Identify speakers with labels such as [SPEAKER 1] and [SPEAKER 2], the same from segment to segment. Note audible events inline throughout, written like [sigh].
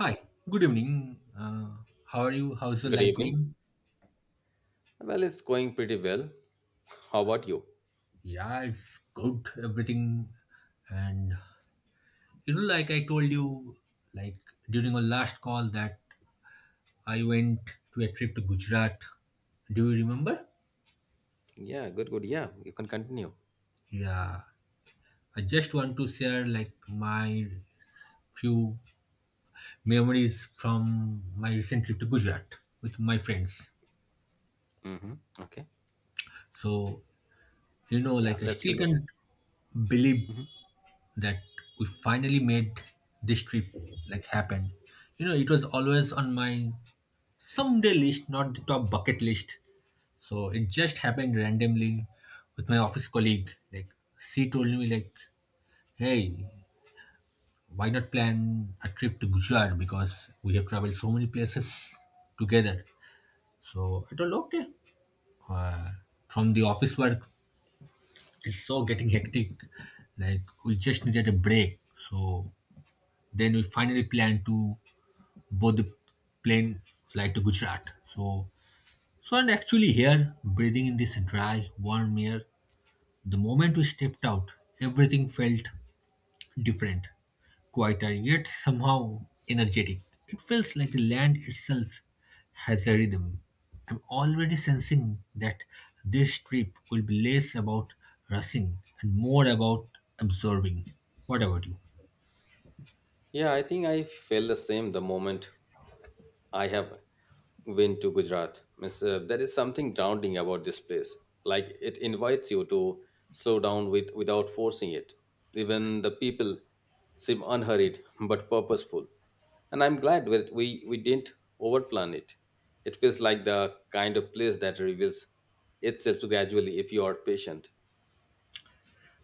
[SPEAKER 1] Hi, good evening. How are you? How's your
[SPEAKER 2] Good
[SPEAKER 1] life
[SPEAKER 2] evening.
[SPEAKER 1] going?
[SPEAKER 2] Well, it's going pretty well. How about you?
[SPEAKER 1] Yeah, it's good, everything. And like I told you, like during our last call, that I went to a trip to Gujarat. Do you remember?
[SPEAKER 2] Yeah, good, good. Yeah, you can continue.
[SPEAKER 1] Yeah, I just want to share like my few memories from my recent trip to Gujarat with my friends.
[SPEAKER 2] Hmm. Okay.
[SPEAKER 1] So,
[SPEAKER 2] Yeah,
[SPEAKER 1] like I
[SPEAKER 2] let's
[SPEAKER 1] still
[SPEAKER 2] begin.
[SPEAKER 1] can't believe
[SPEAKER 2] Mhm.
[SPEAKER 1] that we finally made this trip like happen. It was always on my someday list, not the top bucket list. So it just happened randomly with my office colleague. Like she told me like, hey, why not plan a trip to Gujarat because we have traveled so many places together. So I told okay. Uh, from the office work, it's so getting hectic. Like we just needed a break. So then we finally planned to Both the plane flight to Gujarat. So and actually here, breathing in this dry, warm air, the moment we stepped out, everything felt different, quieter, yet somehow energetic. It feels like the land itself has a rhythm. I'm already sensing that this trip will be less about rushing and more about observing. What about you?
[SPEAKER 2] Yeah, I think I feel the same the moment I have went to Gujarat. Means, there is something grounding about this place. Like it invites you to slow down with without forcing it. Even the people seem unhurried but purposeful. And I'm glad that we didn't overplan it. It feels like the kind of place that reveals itself gradually if you are patient.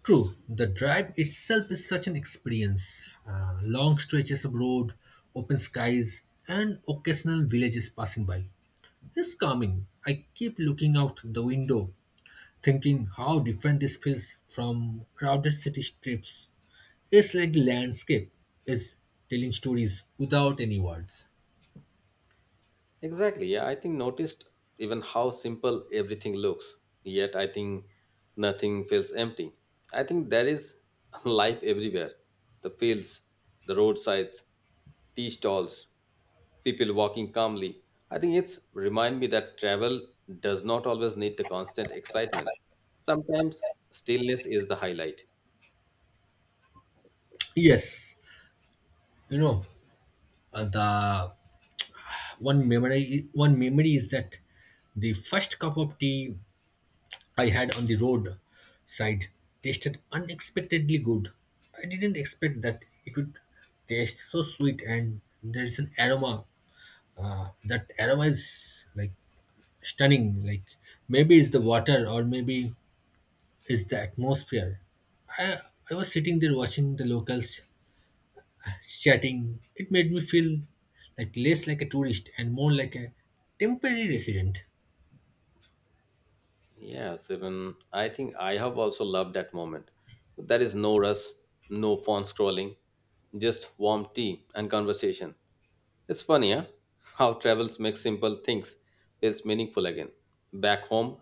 [SPEAKER 1] True, the drive itself is such an experience. Long stretches of road, open skies, and occasional villages passing by. It's calming. I keep looking out the window, thinking how different this feels from crowded city strips. It's like the landscape is telling stories without any words.
[SPEAKER 2] Exactly. Yeah, I think noticed even how simple everything looks. Yet I think nothing feels empty. I think there is [laughs] life everywhere. The fields, the roadsides, tea stalls, people walking calmly. I think it's remind me that travel does not always need the constant excitement. Sometimes stillness is the highlight.
[SPEAKER 1] Yes, you know, the one memory is that the first cup of tea I had on the road side tasted unexpectedly good. I didn't expect that it would taste so sweet, and there is an aroma. That aroma is like stunning. Like maybe it's the water, or maybe it's the atmosphere. I I was sitting there watching the locals chatting. It made me feel like less like a tourist and more like a temporary resident.
[SPEAKER 2] Yes, even I think I have also loved that moment. There is no rush, no phone scrolling, just warm tea and conversation. It's funny, huh? How travels make simple things feels meaningful again. Back home,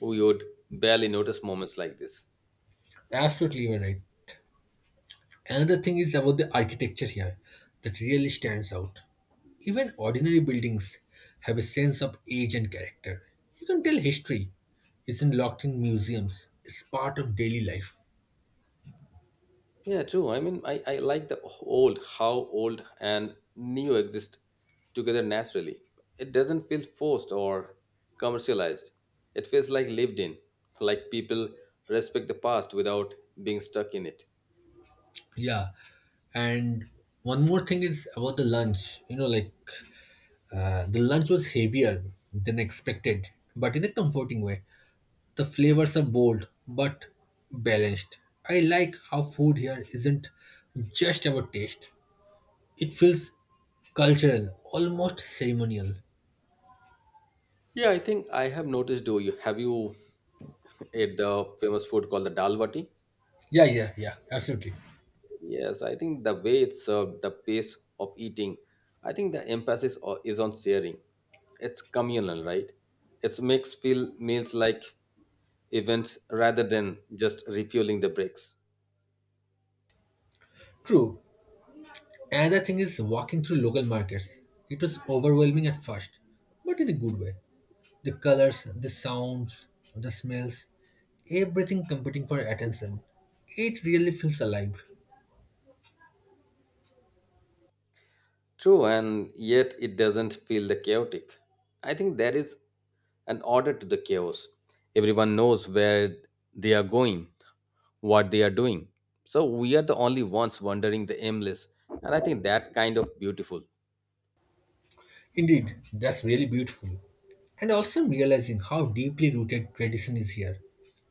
[SPEAKER 2] we would barely notice moments like this.
[SPEAKER 1] Absolutely, you're right. Another thing is about the architecture here that really stands out. Even ordinary buildings have a sense of age and character. You can tell history isn't locked in museums, it's part of daily life.
[SPEAKER 2] Yeah, true. I mean, I like the old, how old and neo exist together naturally. It doesn't feel forced or commercialized. It feels like lived in, like people respect the past without being stuck in it.
[SPEAKER 1] Yeah, and one more thing is about the lunch. Like the lunch was heavier than expected, but in a comforting way. The flavors are bold but balanced. I like how food here isn't just about taste. It feels cultural, almost ceremonial.
[SPEAKER 2] Yeah, I think I have noticed. Do you have you [laughs] ate the famous food called the dal bati?
[SPEAKER 1] Yeah, yeah, yeah, absolutely.
[SPEAKER 2] Yes, I think the way it's served, the pace of eating, I think the emphasis is on sharing. It's communal, right? It makes feel meals like events rather than just refueling the brakes.
[SPEAKER 1] True. Another thing is walking through local markets. It was overwhelming at first, but in a good way. The colors, the sounds, the smells, everything competing for attention. It really feels alive.
[SPEAKER 2] True, and yet it doesn't feel the chaotic. I think there is an order to the chaos. Everyone knows where they are going, what they are doing. So we are the only ones wandering the aimless, and I think that kind of beautiful.
[SPEAKER 1] Indeed, that's really beautiful. And also I'm realizing how deeply rooted tradition is here.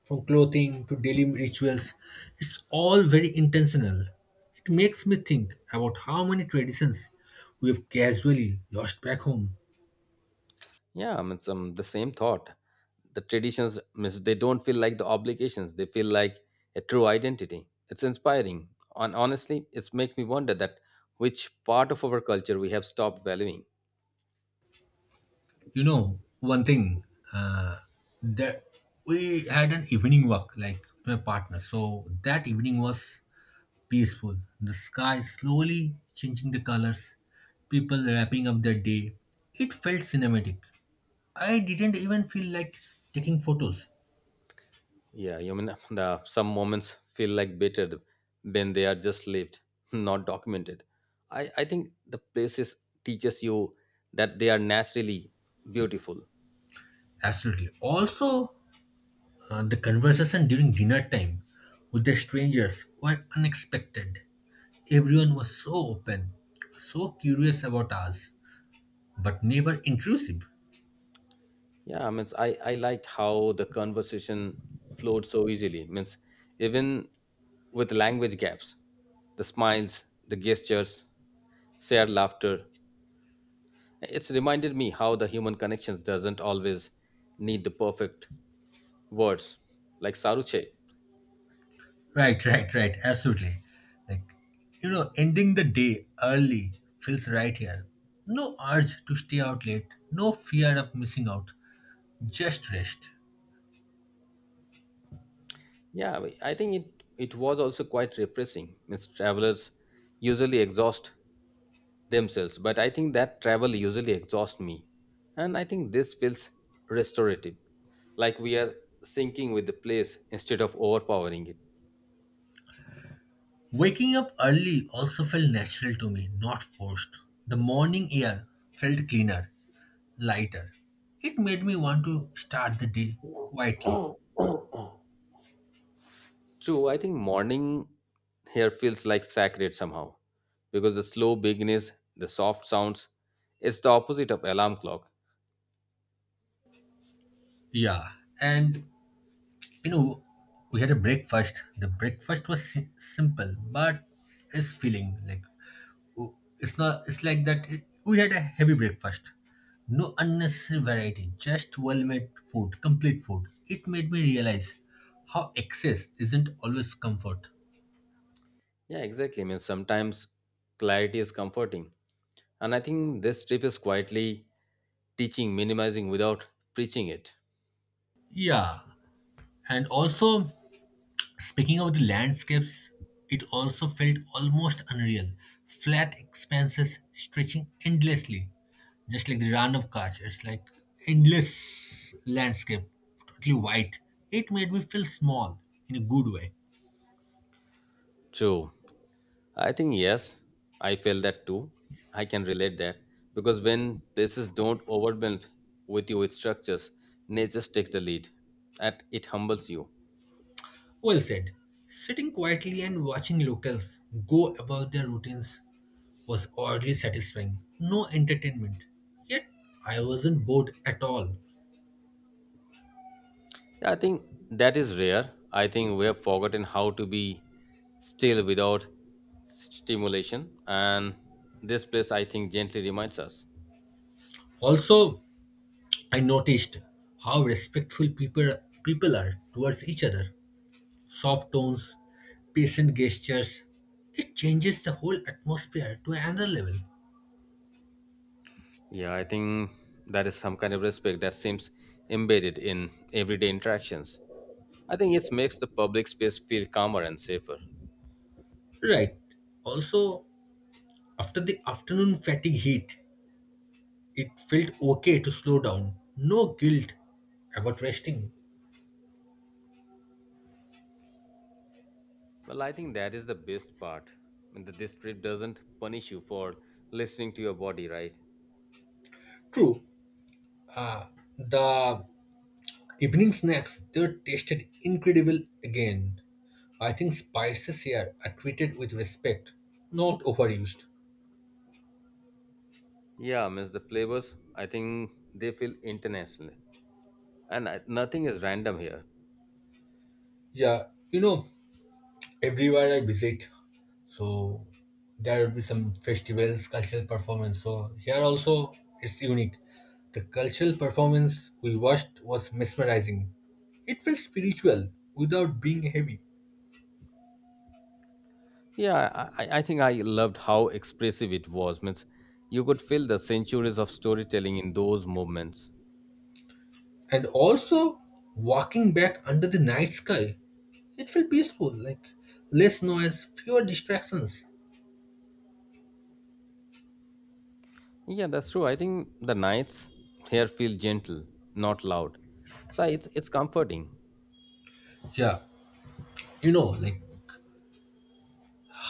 [SPEAKER 1] From clothing to daily rituals, it's all very intentional. It makes me think about how many traditions we have casually lost back home.
[SPEAKER 2] Yeah, I mean, some the same thought. The traditions, means they don't feel like the obligations. They feel like a true identity. It's inspiring, and honestly, it makes me wonder that which part of our culture we have stopped valuing.
[SPEAKER 1] One thing, uh, that we had an evening walk, like with my partner. So that evening was peaceful. The sky slowly changing the colors, people wrapping up their day. It felt cinematic. I didn't even feel like taking photos.
[SPEAKER 2] Yeah, you mean [laughs] the some moments feel like bitter when they are just lived, [laughs] not documented. I think the places teaches you that they are naturally beautiful.
[SPEAKER 1] Absolutely. Also, the conversation during dinner time with the strangers were unexpected. Everyone was so open, so curious about us, but never intrusive.
[SPEAKER 2] Yeah, I means I liked how the conversation flowed so easily. Means even with language gaps, the smiles, the gestures, shared laughter. It's reminded me how the human connections doesn't always need the perfect words, like Saruche.
[SPEAKER 1] Right, right, right. Absolutely. Like, ending the day early feels right here. No urge to stay out late, no fear of missing out, just rest.
[SPEAKER 2] Yeah, I think it was also quite refreshing. Means travelers usually exhaust themselves, but I think that travel usually exhausts me, and I think this feels restorative. Like we are syncing with the place instead of overpowering it.
[SPEAKER 1] Waking up early also felt natural to me, not forced. The morning air felt cleaner, lighter. It made me want to start the day quietly.
[SPEAKER 2] True, I think morning here feels like sacred somehow because the slow beginnings, the soft sounds, it's the opposite of alarm clock.
[SPEAKER 1] Yeah, and you know, we had a breakfast. The breakfast was simple, but it's feeling like It's not. It's like that. We had a heavy breakfast. No unnecessary variety. Just well-made food. Complete food. It made me realize how excess isn't always comfort.
[SPEAKER 2] Yeah, exactly. I mean, sometimes clarity is comforting. And I think this trip is quietly teaching minimizing without preaching it.
[SPEAKER 1] Yeah. And also, speaking of the landscapes, it also felt almost unreal. Flat expanses stretching endlessly, just like the run of cars. It's like endless landscape, totally white. It made me feel small in a good way.
[SPEAKER 2] True. I think yes, I feel that too. I can relate that because when places don't overwhelm with you with structures, nature takes the lead and it humbles you.
[SPEAKER 1] Well said. Sitting quietly and watching locals go about their routines was oddly satisfying. No entertainment. Yet I wasn't bored at all.
[SPEAKER 2] I think that is rare. I think we have forgotten how to be still without stimulation, and this place I think gently reminds us.
[SPEAKER 1] Also, I noticed how respectful people are towards each other. Soft tones, patient gestures. It changes the whole atmosphere to another level.
[SPEAKER 2] Yeah, I think that is some kind of respect that seems embedded in everyday interactions. I think it makes the public space feel calmer and safer.
[SPEAKER 1] Right. Also, after the afternoon fatigue heat, it felt okay to slow down. No guilt about resting.
[SPEAKER 2] Well, I think that is the best part. And that this trip doesn't punish you for listening to your body, right?
[SPEAKER 1] True, the evening snacks they tasted incredible again. I think spices here are treated with respect, not overused.
[SPEAKER 2] Yeah, miss the flavors. I think they feel international, and I, nothing is random here.
[SPEAKER 1] Yeah, you know, everywhere I visit, so there will be some festivals, cultural performance. So here also it's unique. The cultural performance we watched was mesmerizing. It felt spiritual without being heavy.
[SPEAKER 2] Yeah, I think I loved how expressive it was. Means you could feel the centuries of storytelling in those moments.
[SPEAKER 1] And also walking back under the night sky, it felt peaceful, like less noise, fewer distractions.
[SPEAKER 2] Yeah, that's true. I think the nights here feel gentle, not loud. So it's comforting.
[SPEAKER 1] Yeah, like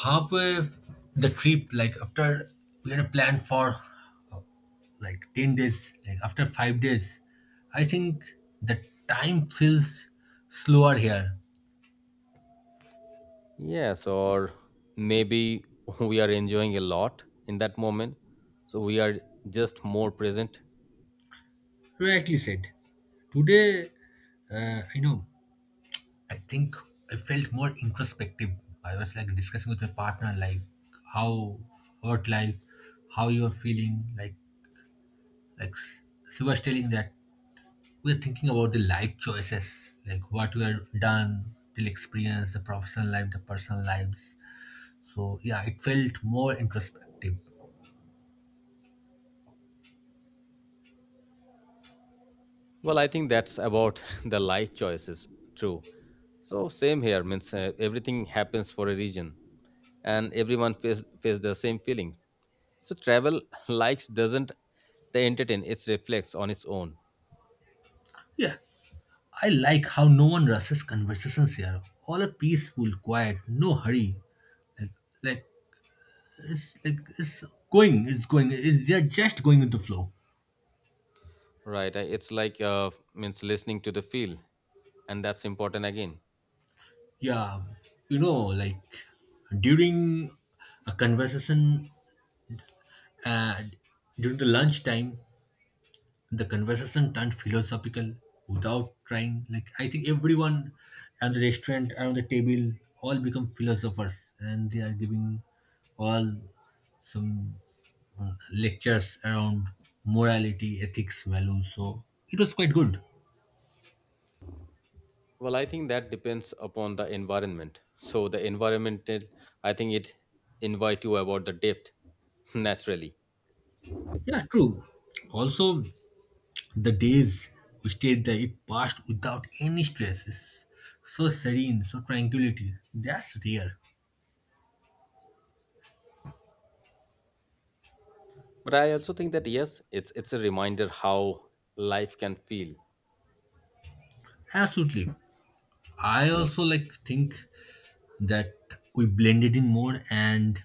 [SPEAKER 1] halfway the trip, like after we had planned for uh, like 10 days, like after 5 days, I think the time feels slower here.
[SPEAKER 2] Yes, or maybe [laughs] we are enjoying a lot in that moment. So we are just more present.
[SPEAKER 1] Rightly said. Today, uh, i know I think I felt more introspective. I was like discussing with my partner, like how about life, how you're feeling. Like, she was telling that we're thinking about the life choices, like what we are done, till experience, the professional life, the personal lives. So yeah, it felt more introspective.
[SPEAKER 2] Well, I think that's about [laughs] the life choices. True. So same here means everything happens for a reason and everyone face the same feeling. So travel [laughs] likes doesn't the entertain, it reflects on its own.
[SPEAKER 1] Yeah, I like how no one rushes conversations here. All are peaceful, quiet, no hurry. Like, like it's like they're just going with the flow.
[SPEAKER 2] Right. It's like means listening to the feel and that's important again.
[SPEAKER 1] Yeah, like during a conversation, uh, during the lunchtime, the conversation turned philosophical without trying, like I think everyone at the restaurant around the table all become philosophers and they are giving all some lectures around morality ethics values, so it was quite good.
[SPEAKER 2] Well, I think that depends upon the environment. So the environmental, I think it invite you about the depth [laughs] naturally.
[SPEAKER 1] Yeah, true. Also, the days we stayed there, it passed without any stresses. So serene, so tranquility. That's rare.
[SPEAKER 2] But I also think that yes, it's a reminder how life can feel.
[SPEAKER 1] Absolutely. I also like think that we blended in more and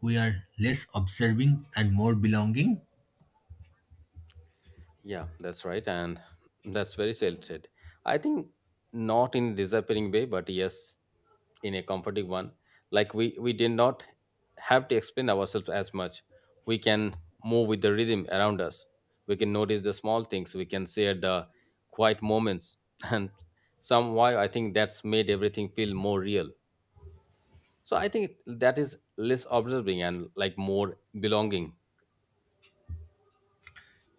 [SPEAKER 1] we are less observing and more belonging.
[SPEAKER 2] Yeah, that's right. And that's very well said. I think not in disappearing way, but yes, in a comforting one. Like we did not have to explain ourselves as much. We can move with the rhythm around us. We can notice the small things. We can share the quiet moments. [laughs] And somehow I think that's made everything feel more real. So I think that is less observing and like more belonging.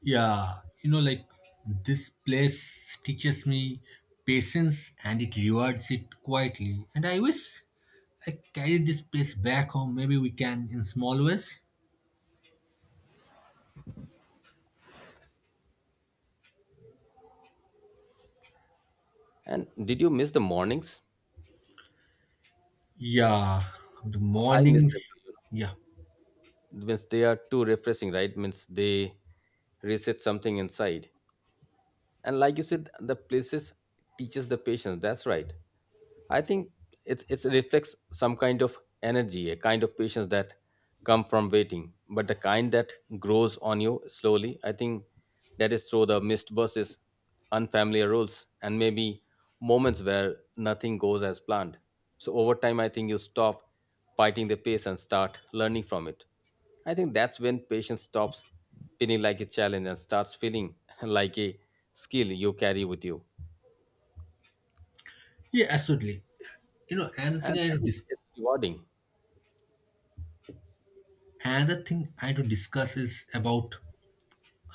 [SPEAKER 1] Yeah, like this place teaches me patience and it rewards it quietly. And I wish I carry this place back home. Maybe we can in small ways.
[SPEAKER 2] And did you miss the mornings?
[SPEAKER 1] Yeah, the
[SPEAKER 2] I miss them
[SPEAKER 1] mornings.
[SPEAKER 2] too.
[SPEAKER 1] Yeah,
[SPEAKER 2] Means they are too refreshing, right? Means they reset something inside, and like you said, the places teaches the patience, that's right. I think it's it reflects some kind of energy, a kind of patience that come from waiting, but the kind that grows on you slowly. I think that is through the missed buses, unfamiliar roles, and maybe moments where nothing goes as planned. So over time, I think you stop fighting the pace and start learning from it. I think that's when patience stops feeling like a challenge and starts feeling [laughs] like a skill you carry with you.
[SPEAKER 1] yeah, absolutely. You know, another thing
[SPEAKER 2] And
[SPEAKER 1] I had
[SPEAKER 2] I
[SPEAKER 1] to
[SPEAKER 2] think
[SPEAKER 1] dis-
[SPEAKER 2] it's rewarding.
[SPEAKER 1] Another thing I had to discuss is about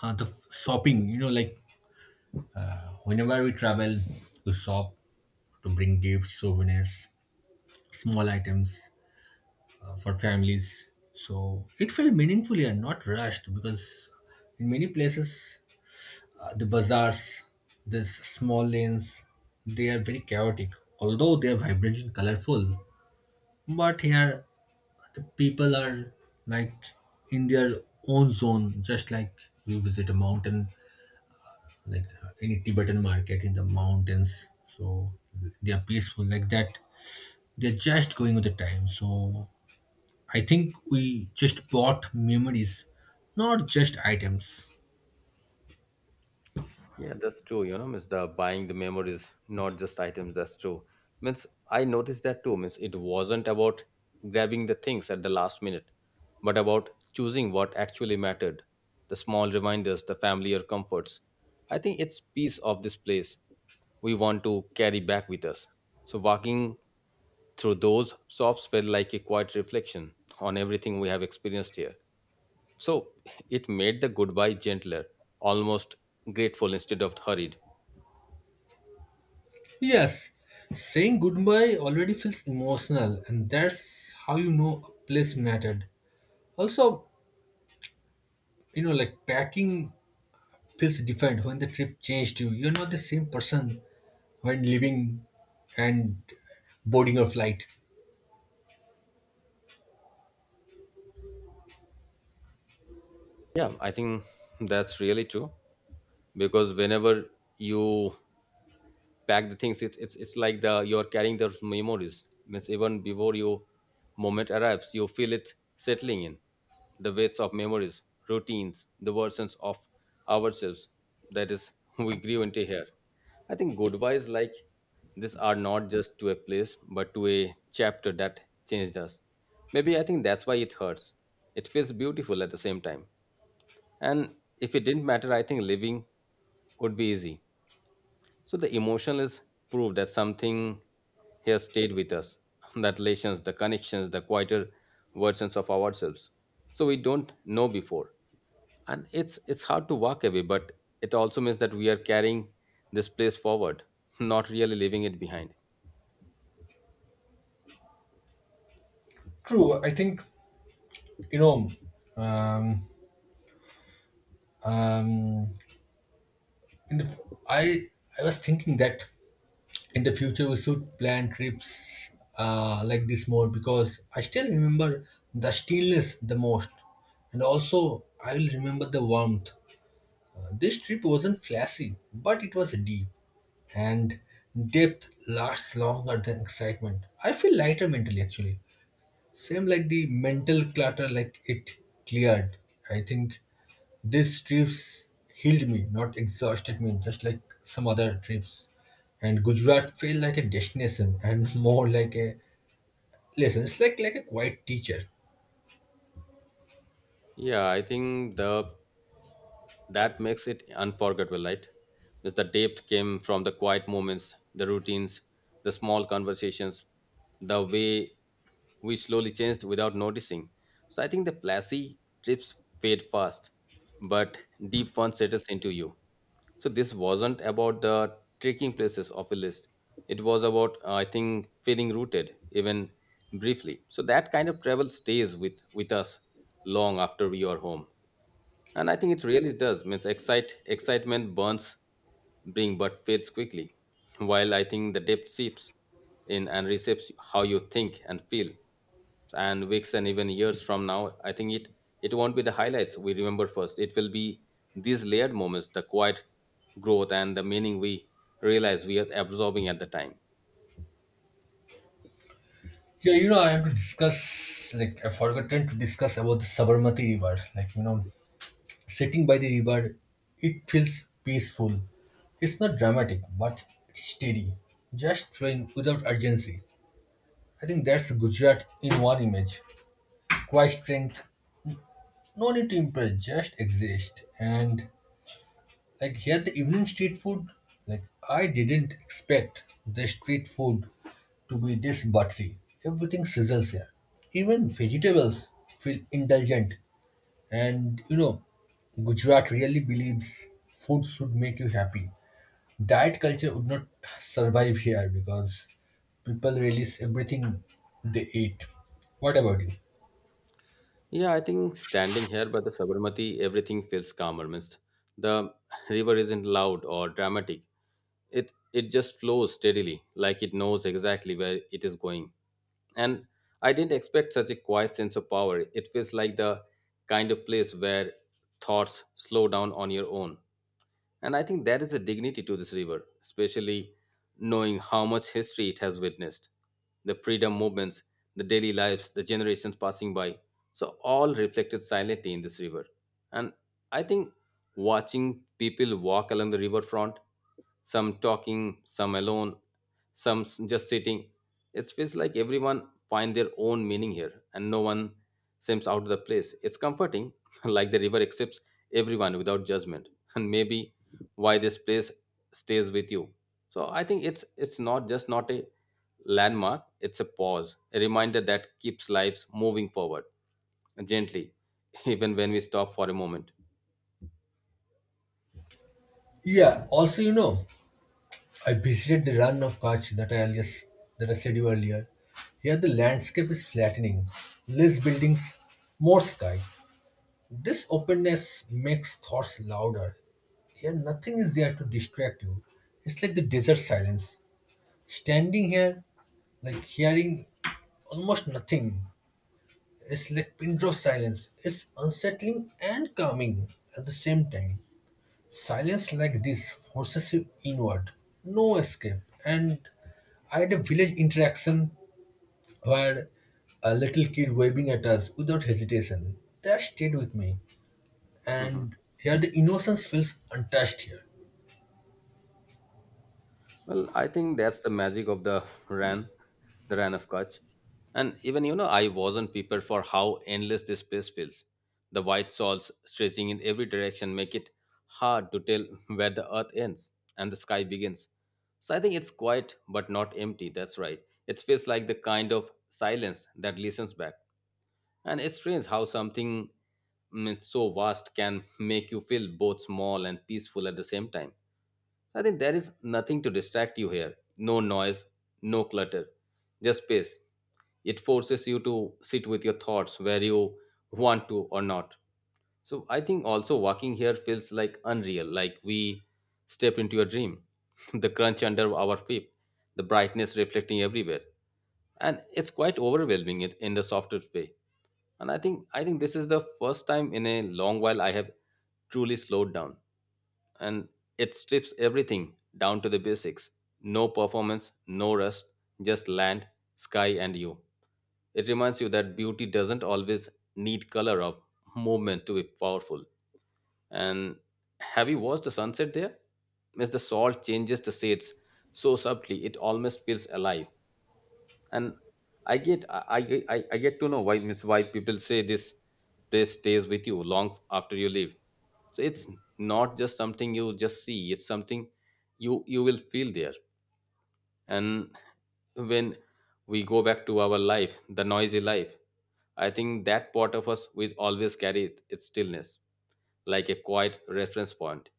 [SPEAKER 1] the shopping. Like whenever we travel, we shop to bring gifts, souvenirs, small items for families. So it felt meaningful and not rushed because in many places the bazaars, the small lanes, they are very chaotic. Although they are vibrant and colorful, but here people are like in their own zone, just like you visit a mountain, like any Tibetan market in the mountains. So they are peaceful like that. They're just going with the time. So I think we just bought memories, not just items.
[SPEAKER 2] Yeah, that's true. You know, means the buying the memories, not just items. That's true. Means I noticed that too. Means it wasn't about grabbing the things at the last minute, but about choosing what actually mattered. The small reminders, the familiar comforts. I think it's piece of this place we want to carry back with us. So walking through those shops felt like a quiet reflection on everything we have experienced here. So it made the goodbye gentler, almost grateful instead of hurried.
[SPEAKER 1] Yes, saying goodbye already feels emotional, and that's how you know a place mattered. Also, like packing feels different when the trip changed you. You're not the same person when leaving and boarding a flight.
[SPEAKER 2] Yeah, I think that's really true because whenever you pack the things, it's like the you're carrying the memories. Means even before your moment arrives, you feel it settling in the weights of memories, routines, the versions of ourselves that is [laughs] we grew into here. I think goodbyes like this are not just to a place but to a chapter that changed us. Maybe I think that's why it hurts. It feels beautiful at the same time. And if it didn't matter, I think living would be easy. So the emotional is proof that something has stayed with us, [laughs] that relations, the connections, the quieter versions of ourselves. So we don't know before. And it's hard to walk away, but it also means that we are carrying this place forward, [laughs] not really leaving it behind.
[SPEAKER 1] True, I think you know. Um, um, in the, I I was thinking that in the future we should plan trips like this more because I still remember the stillness the most, and also I will remember the warmth. This trip wasn't flashy, but it was deep, and depth lasts longer than excitement. I feel lighter mentally actually. Same like the mental clutter, like it cleared. I think these trips healed me, not exhausted me, just like some other trips. And Gujarat felt like a destination and [laughs] more like a lesson. It's like a quiet teacher.
[SPEAKER 2] Yeah, I think the that makes it unforgettable, right? Because the depth came from the quiet moments, the routines, the small conversations, the way we slowly changed without noticing. So I think the flashy trips fade fast, but deep one settles into you. So this wasn't about the trekking places of a list. It was about, I think, feeling rooted, even briefly. So that kind of travel stays with us long after we are home. And I think it really does. Means excitement burns bring but fades quickly, while I think the depth seeps in and receives how you think and feel. And weeks and even years from now, I think it won't be the highlights we remember first. It will be these layered moments, the quiet growth, and the meaning we realize we are absorbing at the time.
[SPEAKER 1] Yeah, I have to discuss like I forgotten to discuss about the Sabarmati River. Like you know, sitting by the river, it feels peaceful. It's not dramatic, but it's steady, just flowing without urgency. I think that's Gujarat in one image. Quiet strength, no need to impress, just exist. And like here, the evening street food, like I didn't expect the street food to be this buttery. Everything sizzles here. Even vegetables feel indulgent. And you know, Gujarat really believes food should make you happy. Diet culture would not survive here because people release everything they eat. What about you?
[SPEAKER 2] Yeah, I think standing here by the Sabarmati, everything feels calmer. Means the river isn't loud or dramatic. It just flows steadily, like it knows exactly where it is going. And I didn't expect such a quiet sense of power. It feels like the kind of place where thoughts slow down on your own. And I think there is a dignity to this river, especially knowing how much history it has witnessed: the freedom movements, the daily lives, the generations passing by. So all reflected silently in this river. And I think watching people walk along the riverfront, some talking, some alone, just sitting. It feels like everyone find their own meaning here and no one seems out of the place. It's comforting, [laughs] like the river accepts everyone without judgment. [laughs] And maybe why this place stays with you. So I think it's not just not a landmark, it's a pause, a reminder that keeps lives moving forward gently, [laughs] even when we stop for a moment.
[SPEAKER 1] Yeah, also I visited the run of Kutch that I said you earlier. Here the landscape is flattening. Less buildings, more sky. This openness makes thoughts louder. Here nothing is there to distract you. It's like the desert silence. Standing here, like hearing almost nothing, it's like pin drop silence. It's unsettling and calming at the same time. Silence like this forces you inward, no escape. And I had a village interaction where a little kid waving at us without hesitation. That stayed with me.
[SPEAKER 2] Mhm.
[SPEAKER 1] And here the innocence feels untouched here.
[SPEAKER 2] Well, I think that's the magic of the [laughs] Ran, the Ran of Kutch. And even, you know, I wasn't prepared for how endless this place feels. The white salts stretching in every direction make it hard to tell where the earth ends and the sky begins. So I think it's quiet but not empty, that's right. It feels like the kind of silence that listens back. And it's strange how something so vast can make you feel both small and peaceful at the same time. So, I think there is nothing to distract you here. No noise, no clutter, just space. It forces you to sit with your thoughts where you want to or not. So I think also walking here feels like unreal, like we step into a dream. [laughs] The crunch under our feet, the brightness reflecting everywhere. And it's quite overwhelming it in the softer way. And I think this is the first time in a long while I have truly slowed down, and it strips everything down to the basics. No performance, no rust, just land, sky, and you. It reminds you that beauty doesn't always need color or movement to be powerful. And have you watched the sunset there? Miss, the salt changes the shades so subtly it almost feels alive. And I get I get to know why, miss, why people say this place stays with you long after you leave. So it's not just something you just see, it's something you will feel there. And when we go back to our life, the noisy life, I think that part of us will always carry it, its stillness, like a quiet reference point.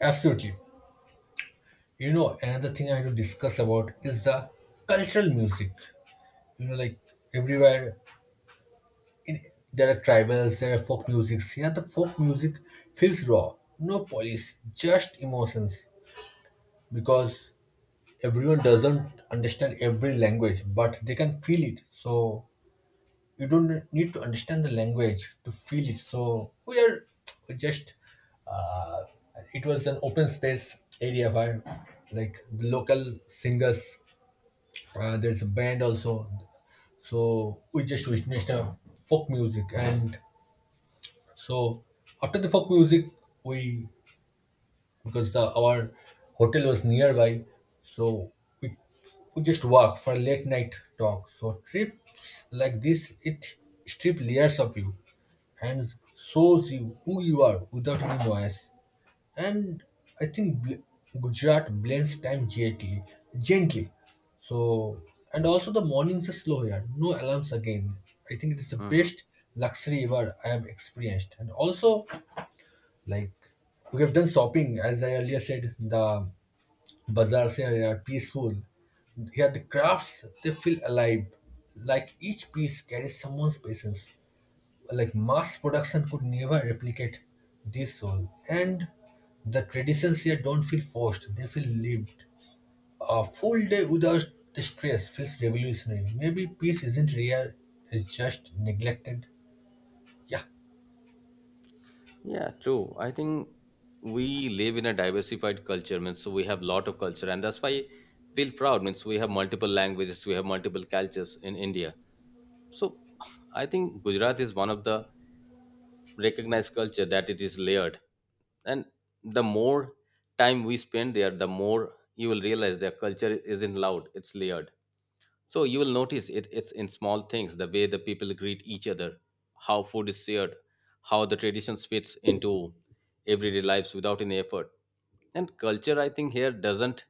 [SPEAKER 1] Absolutely. Another thing I had to discuss about is the cultural music. You know, like, everywhere there are tribals, there are folk music. Here the folk music feels raw, no polish, just emotions. Because everyone doesn't understand every language, but they can feel it. So you don't need to understand the language to feel it. So we are just, it was an open space area where, like, the local singers, there's a band also. So we just witnessed a folk music. And so after the folk music, we, because our hotel was nearby, so we, just walk for late night talk. So trips like this, it strip layers of you and shows you who you are without any noise. And I think Gujarat blends time gently. So, and also the mornings are slow here, no alarms again. I think it is the
[SPEAKER 2] Mhm.
[SPEAKER 1] best luxury ever I have experienced. And also, like, we have done shopping. As I earlier said, the bazaars here are peaceful, here the crafts, they feel alive, like each piece carries someone's patience, like mass production could never replicate this soul. And the traditions here don't feel forced, they feel lived. A full day without the stress feels revolutionary. Maybe peace isn't rare, it's just neglected, yeah.
[SPEAKER 2] Yeah, true. I think we live in a diversified culture, means so we have lot of culture, and that's why I feel proud. Means we have multiple languages, we have multiple cultures in India. So I think Gujarat is one of the recognize culture that it is layered. And the more time we spend there, the more you will realize their culture isn't loud, it's layered. So you will notice it's in small things, the way the people greet each other, how food is shared, how the traditions fits into everyday lives without any effort. And culture, I think, here doesn't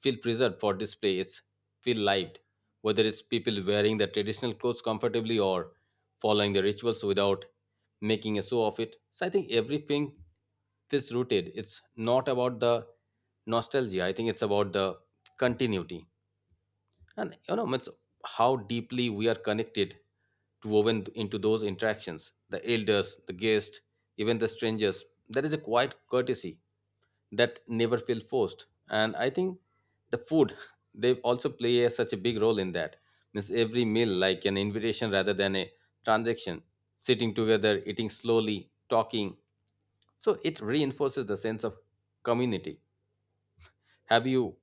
[SPEAKER 2] feel preserved for display. It's feel lived, whether it's people wearing the traditional clothes comfortably or following the rituals without making a show of it. So I think everything feels rooted. It's not about the nostalgia. I think it's about the continuity. And you know, it's how deeply we are connected to woven into those interactions. The elders, the guests, even the strangers. There is a quiet courtesy that never feel forced. And I think the food [laughs] they also play a, such a big role in that. Means every meal like an invitation rather than a transaction, sitting together, eating slowly, talking, so it reinforces the sense of community. Have you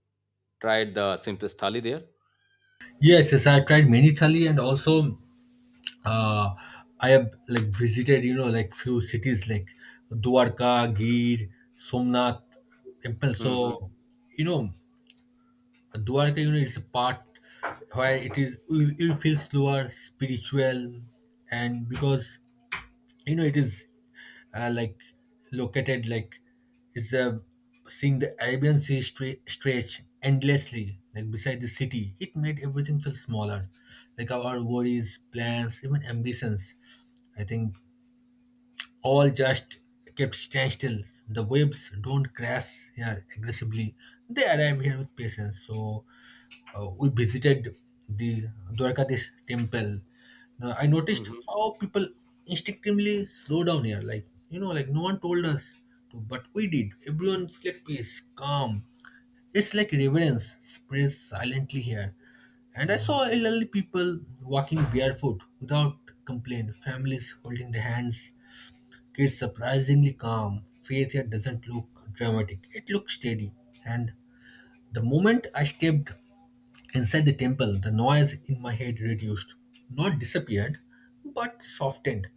[SPEAKER 2] tried the simplest thali there?
[SPEAKER 1] Yes, yes, I tried many thali. And also uh, I have, like, visited, you know, like, few cities like Dwarka, Gir, Somnath temple. So,
[SPEAKER 2] Mm-hmm.
[SPEAKER 1] you know, Dwarka, you know, it's a part where it is you feel slower, spiritual. And because, you know, it is, like, located, like, it's seeing the Arabian Sea stretch endlessly, like, beside the city. It made everything feel smaller, like our worries, plans, even ambitions, I think, all just kept standstill. The waves don't crash here aggressively. They arrive here with patience. So we visited the Dwarkadish temple. Now, I noticed
[SPEAKER 2] Mm-hmm.
[SPEAKER 1] how people instinctively slow down here. Like, you know, like, no one told us to, but we did. Everyone felt peace, calm. It's like reverence spreads silently here. And I saw elderly people walking barefoot without complaint, families holding their hands, it's surprisingly calm. Faith here doesn't look dramatic. It looks steady. And the moment I stepped inside the temple, the noise in my head reduced. Not disappeared, but softened.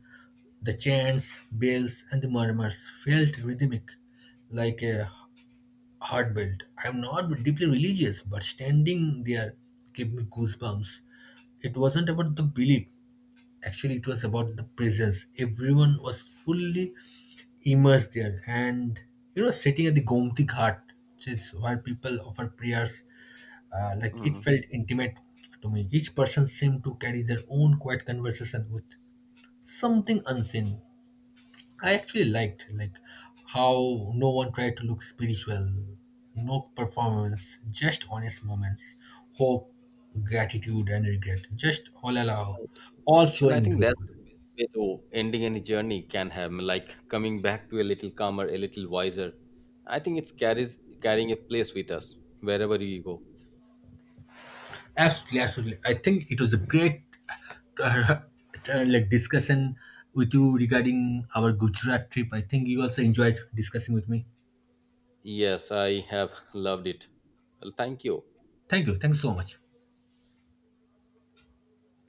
[SPEAKER 1] The chants, bells, and the murmurs felt rhythmic, like a heartbeat. I'm not deeply religious, but standing there gave me goosebumps. It wasn't about the belief, actually it was about the presence. Everyone was fully immersed there. And you know, sitting at the Gomti Ghat, which is where people offer prayers, like, it
[SPEAKER 2] Mm-hmm.
[SPEAKER 1] felt intimate to me. Each person seemed to carry their own quiet conversation with something unseen. I actually liked, like, how no one tried to look spiritual. No performance, just honest moments. Hope, gratitude, and regret just all allow, all
[SPEAKER 2] And I
[SPEAKER 1] flowing into
[SPEAKER 2] think
[SPEAKER 1] the
[SPEAKER 2] that's
[SPEAKER 1] world.
[SPEAKER 2] the best way to ending any journey can have, like coming back to a little calmer, a little wiser. I think it's carries carrying a place with us wherever you go.
[SPEAKER 1] Absolutely, absolutely. I think it was a great uh, [laughs] like, discussion with you regarding our Gujarat trip. I think you also enjoyed discussing with me.
[SPEAKER 2] Yes, I have loved it. Well, thank you.
[SPEAKER 1] Thank you. Thanks so much.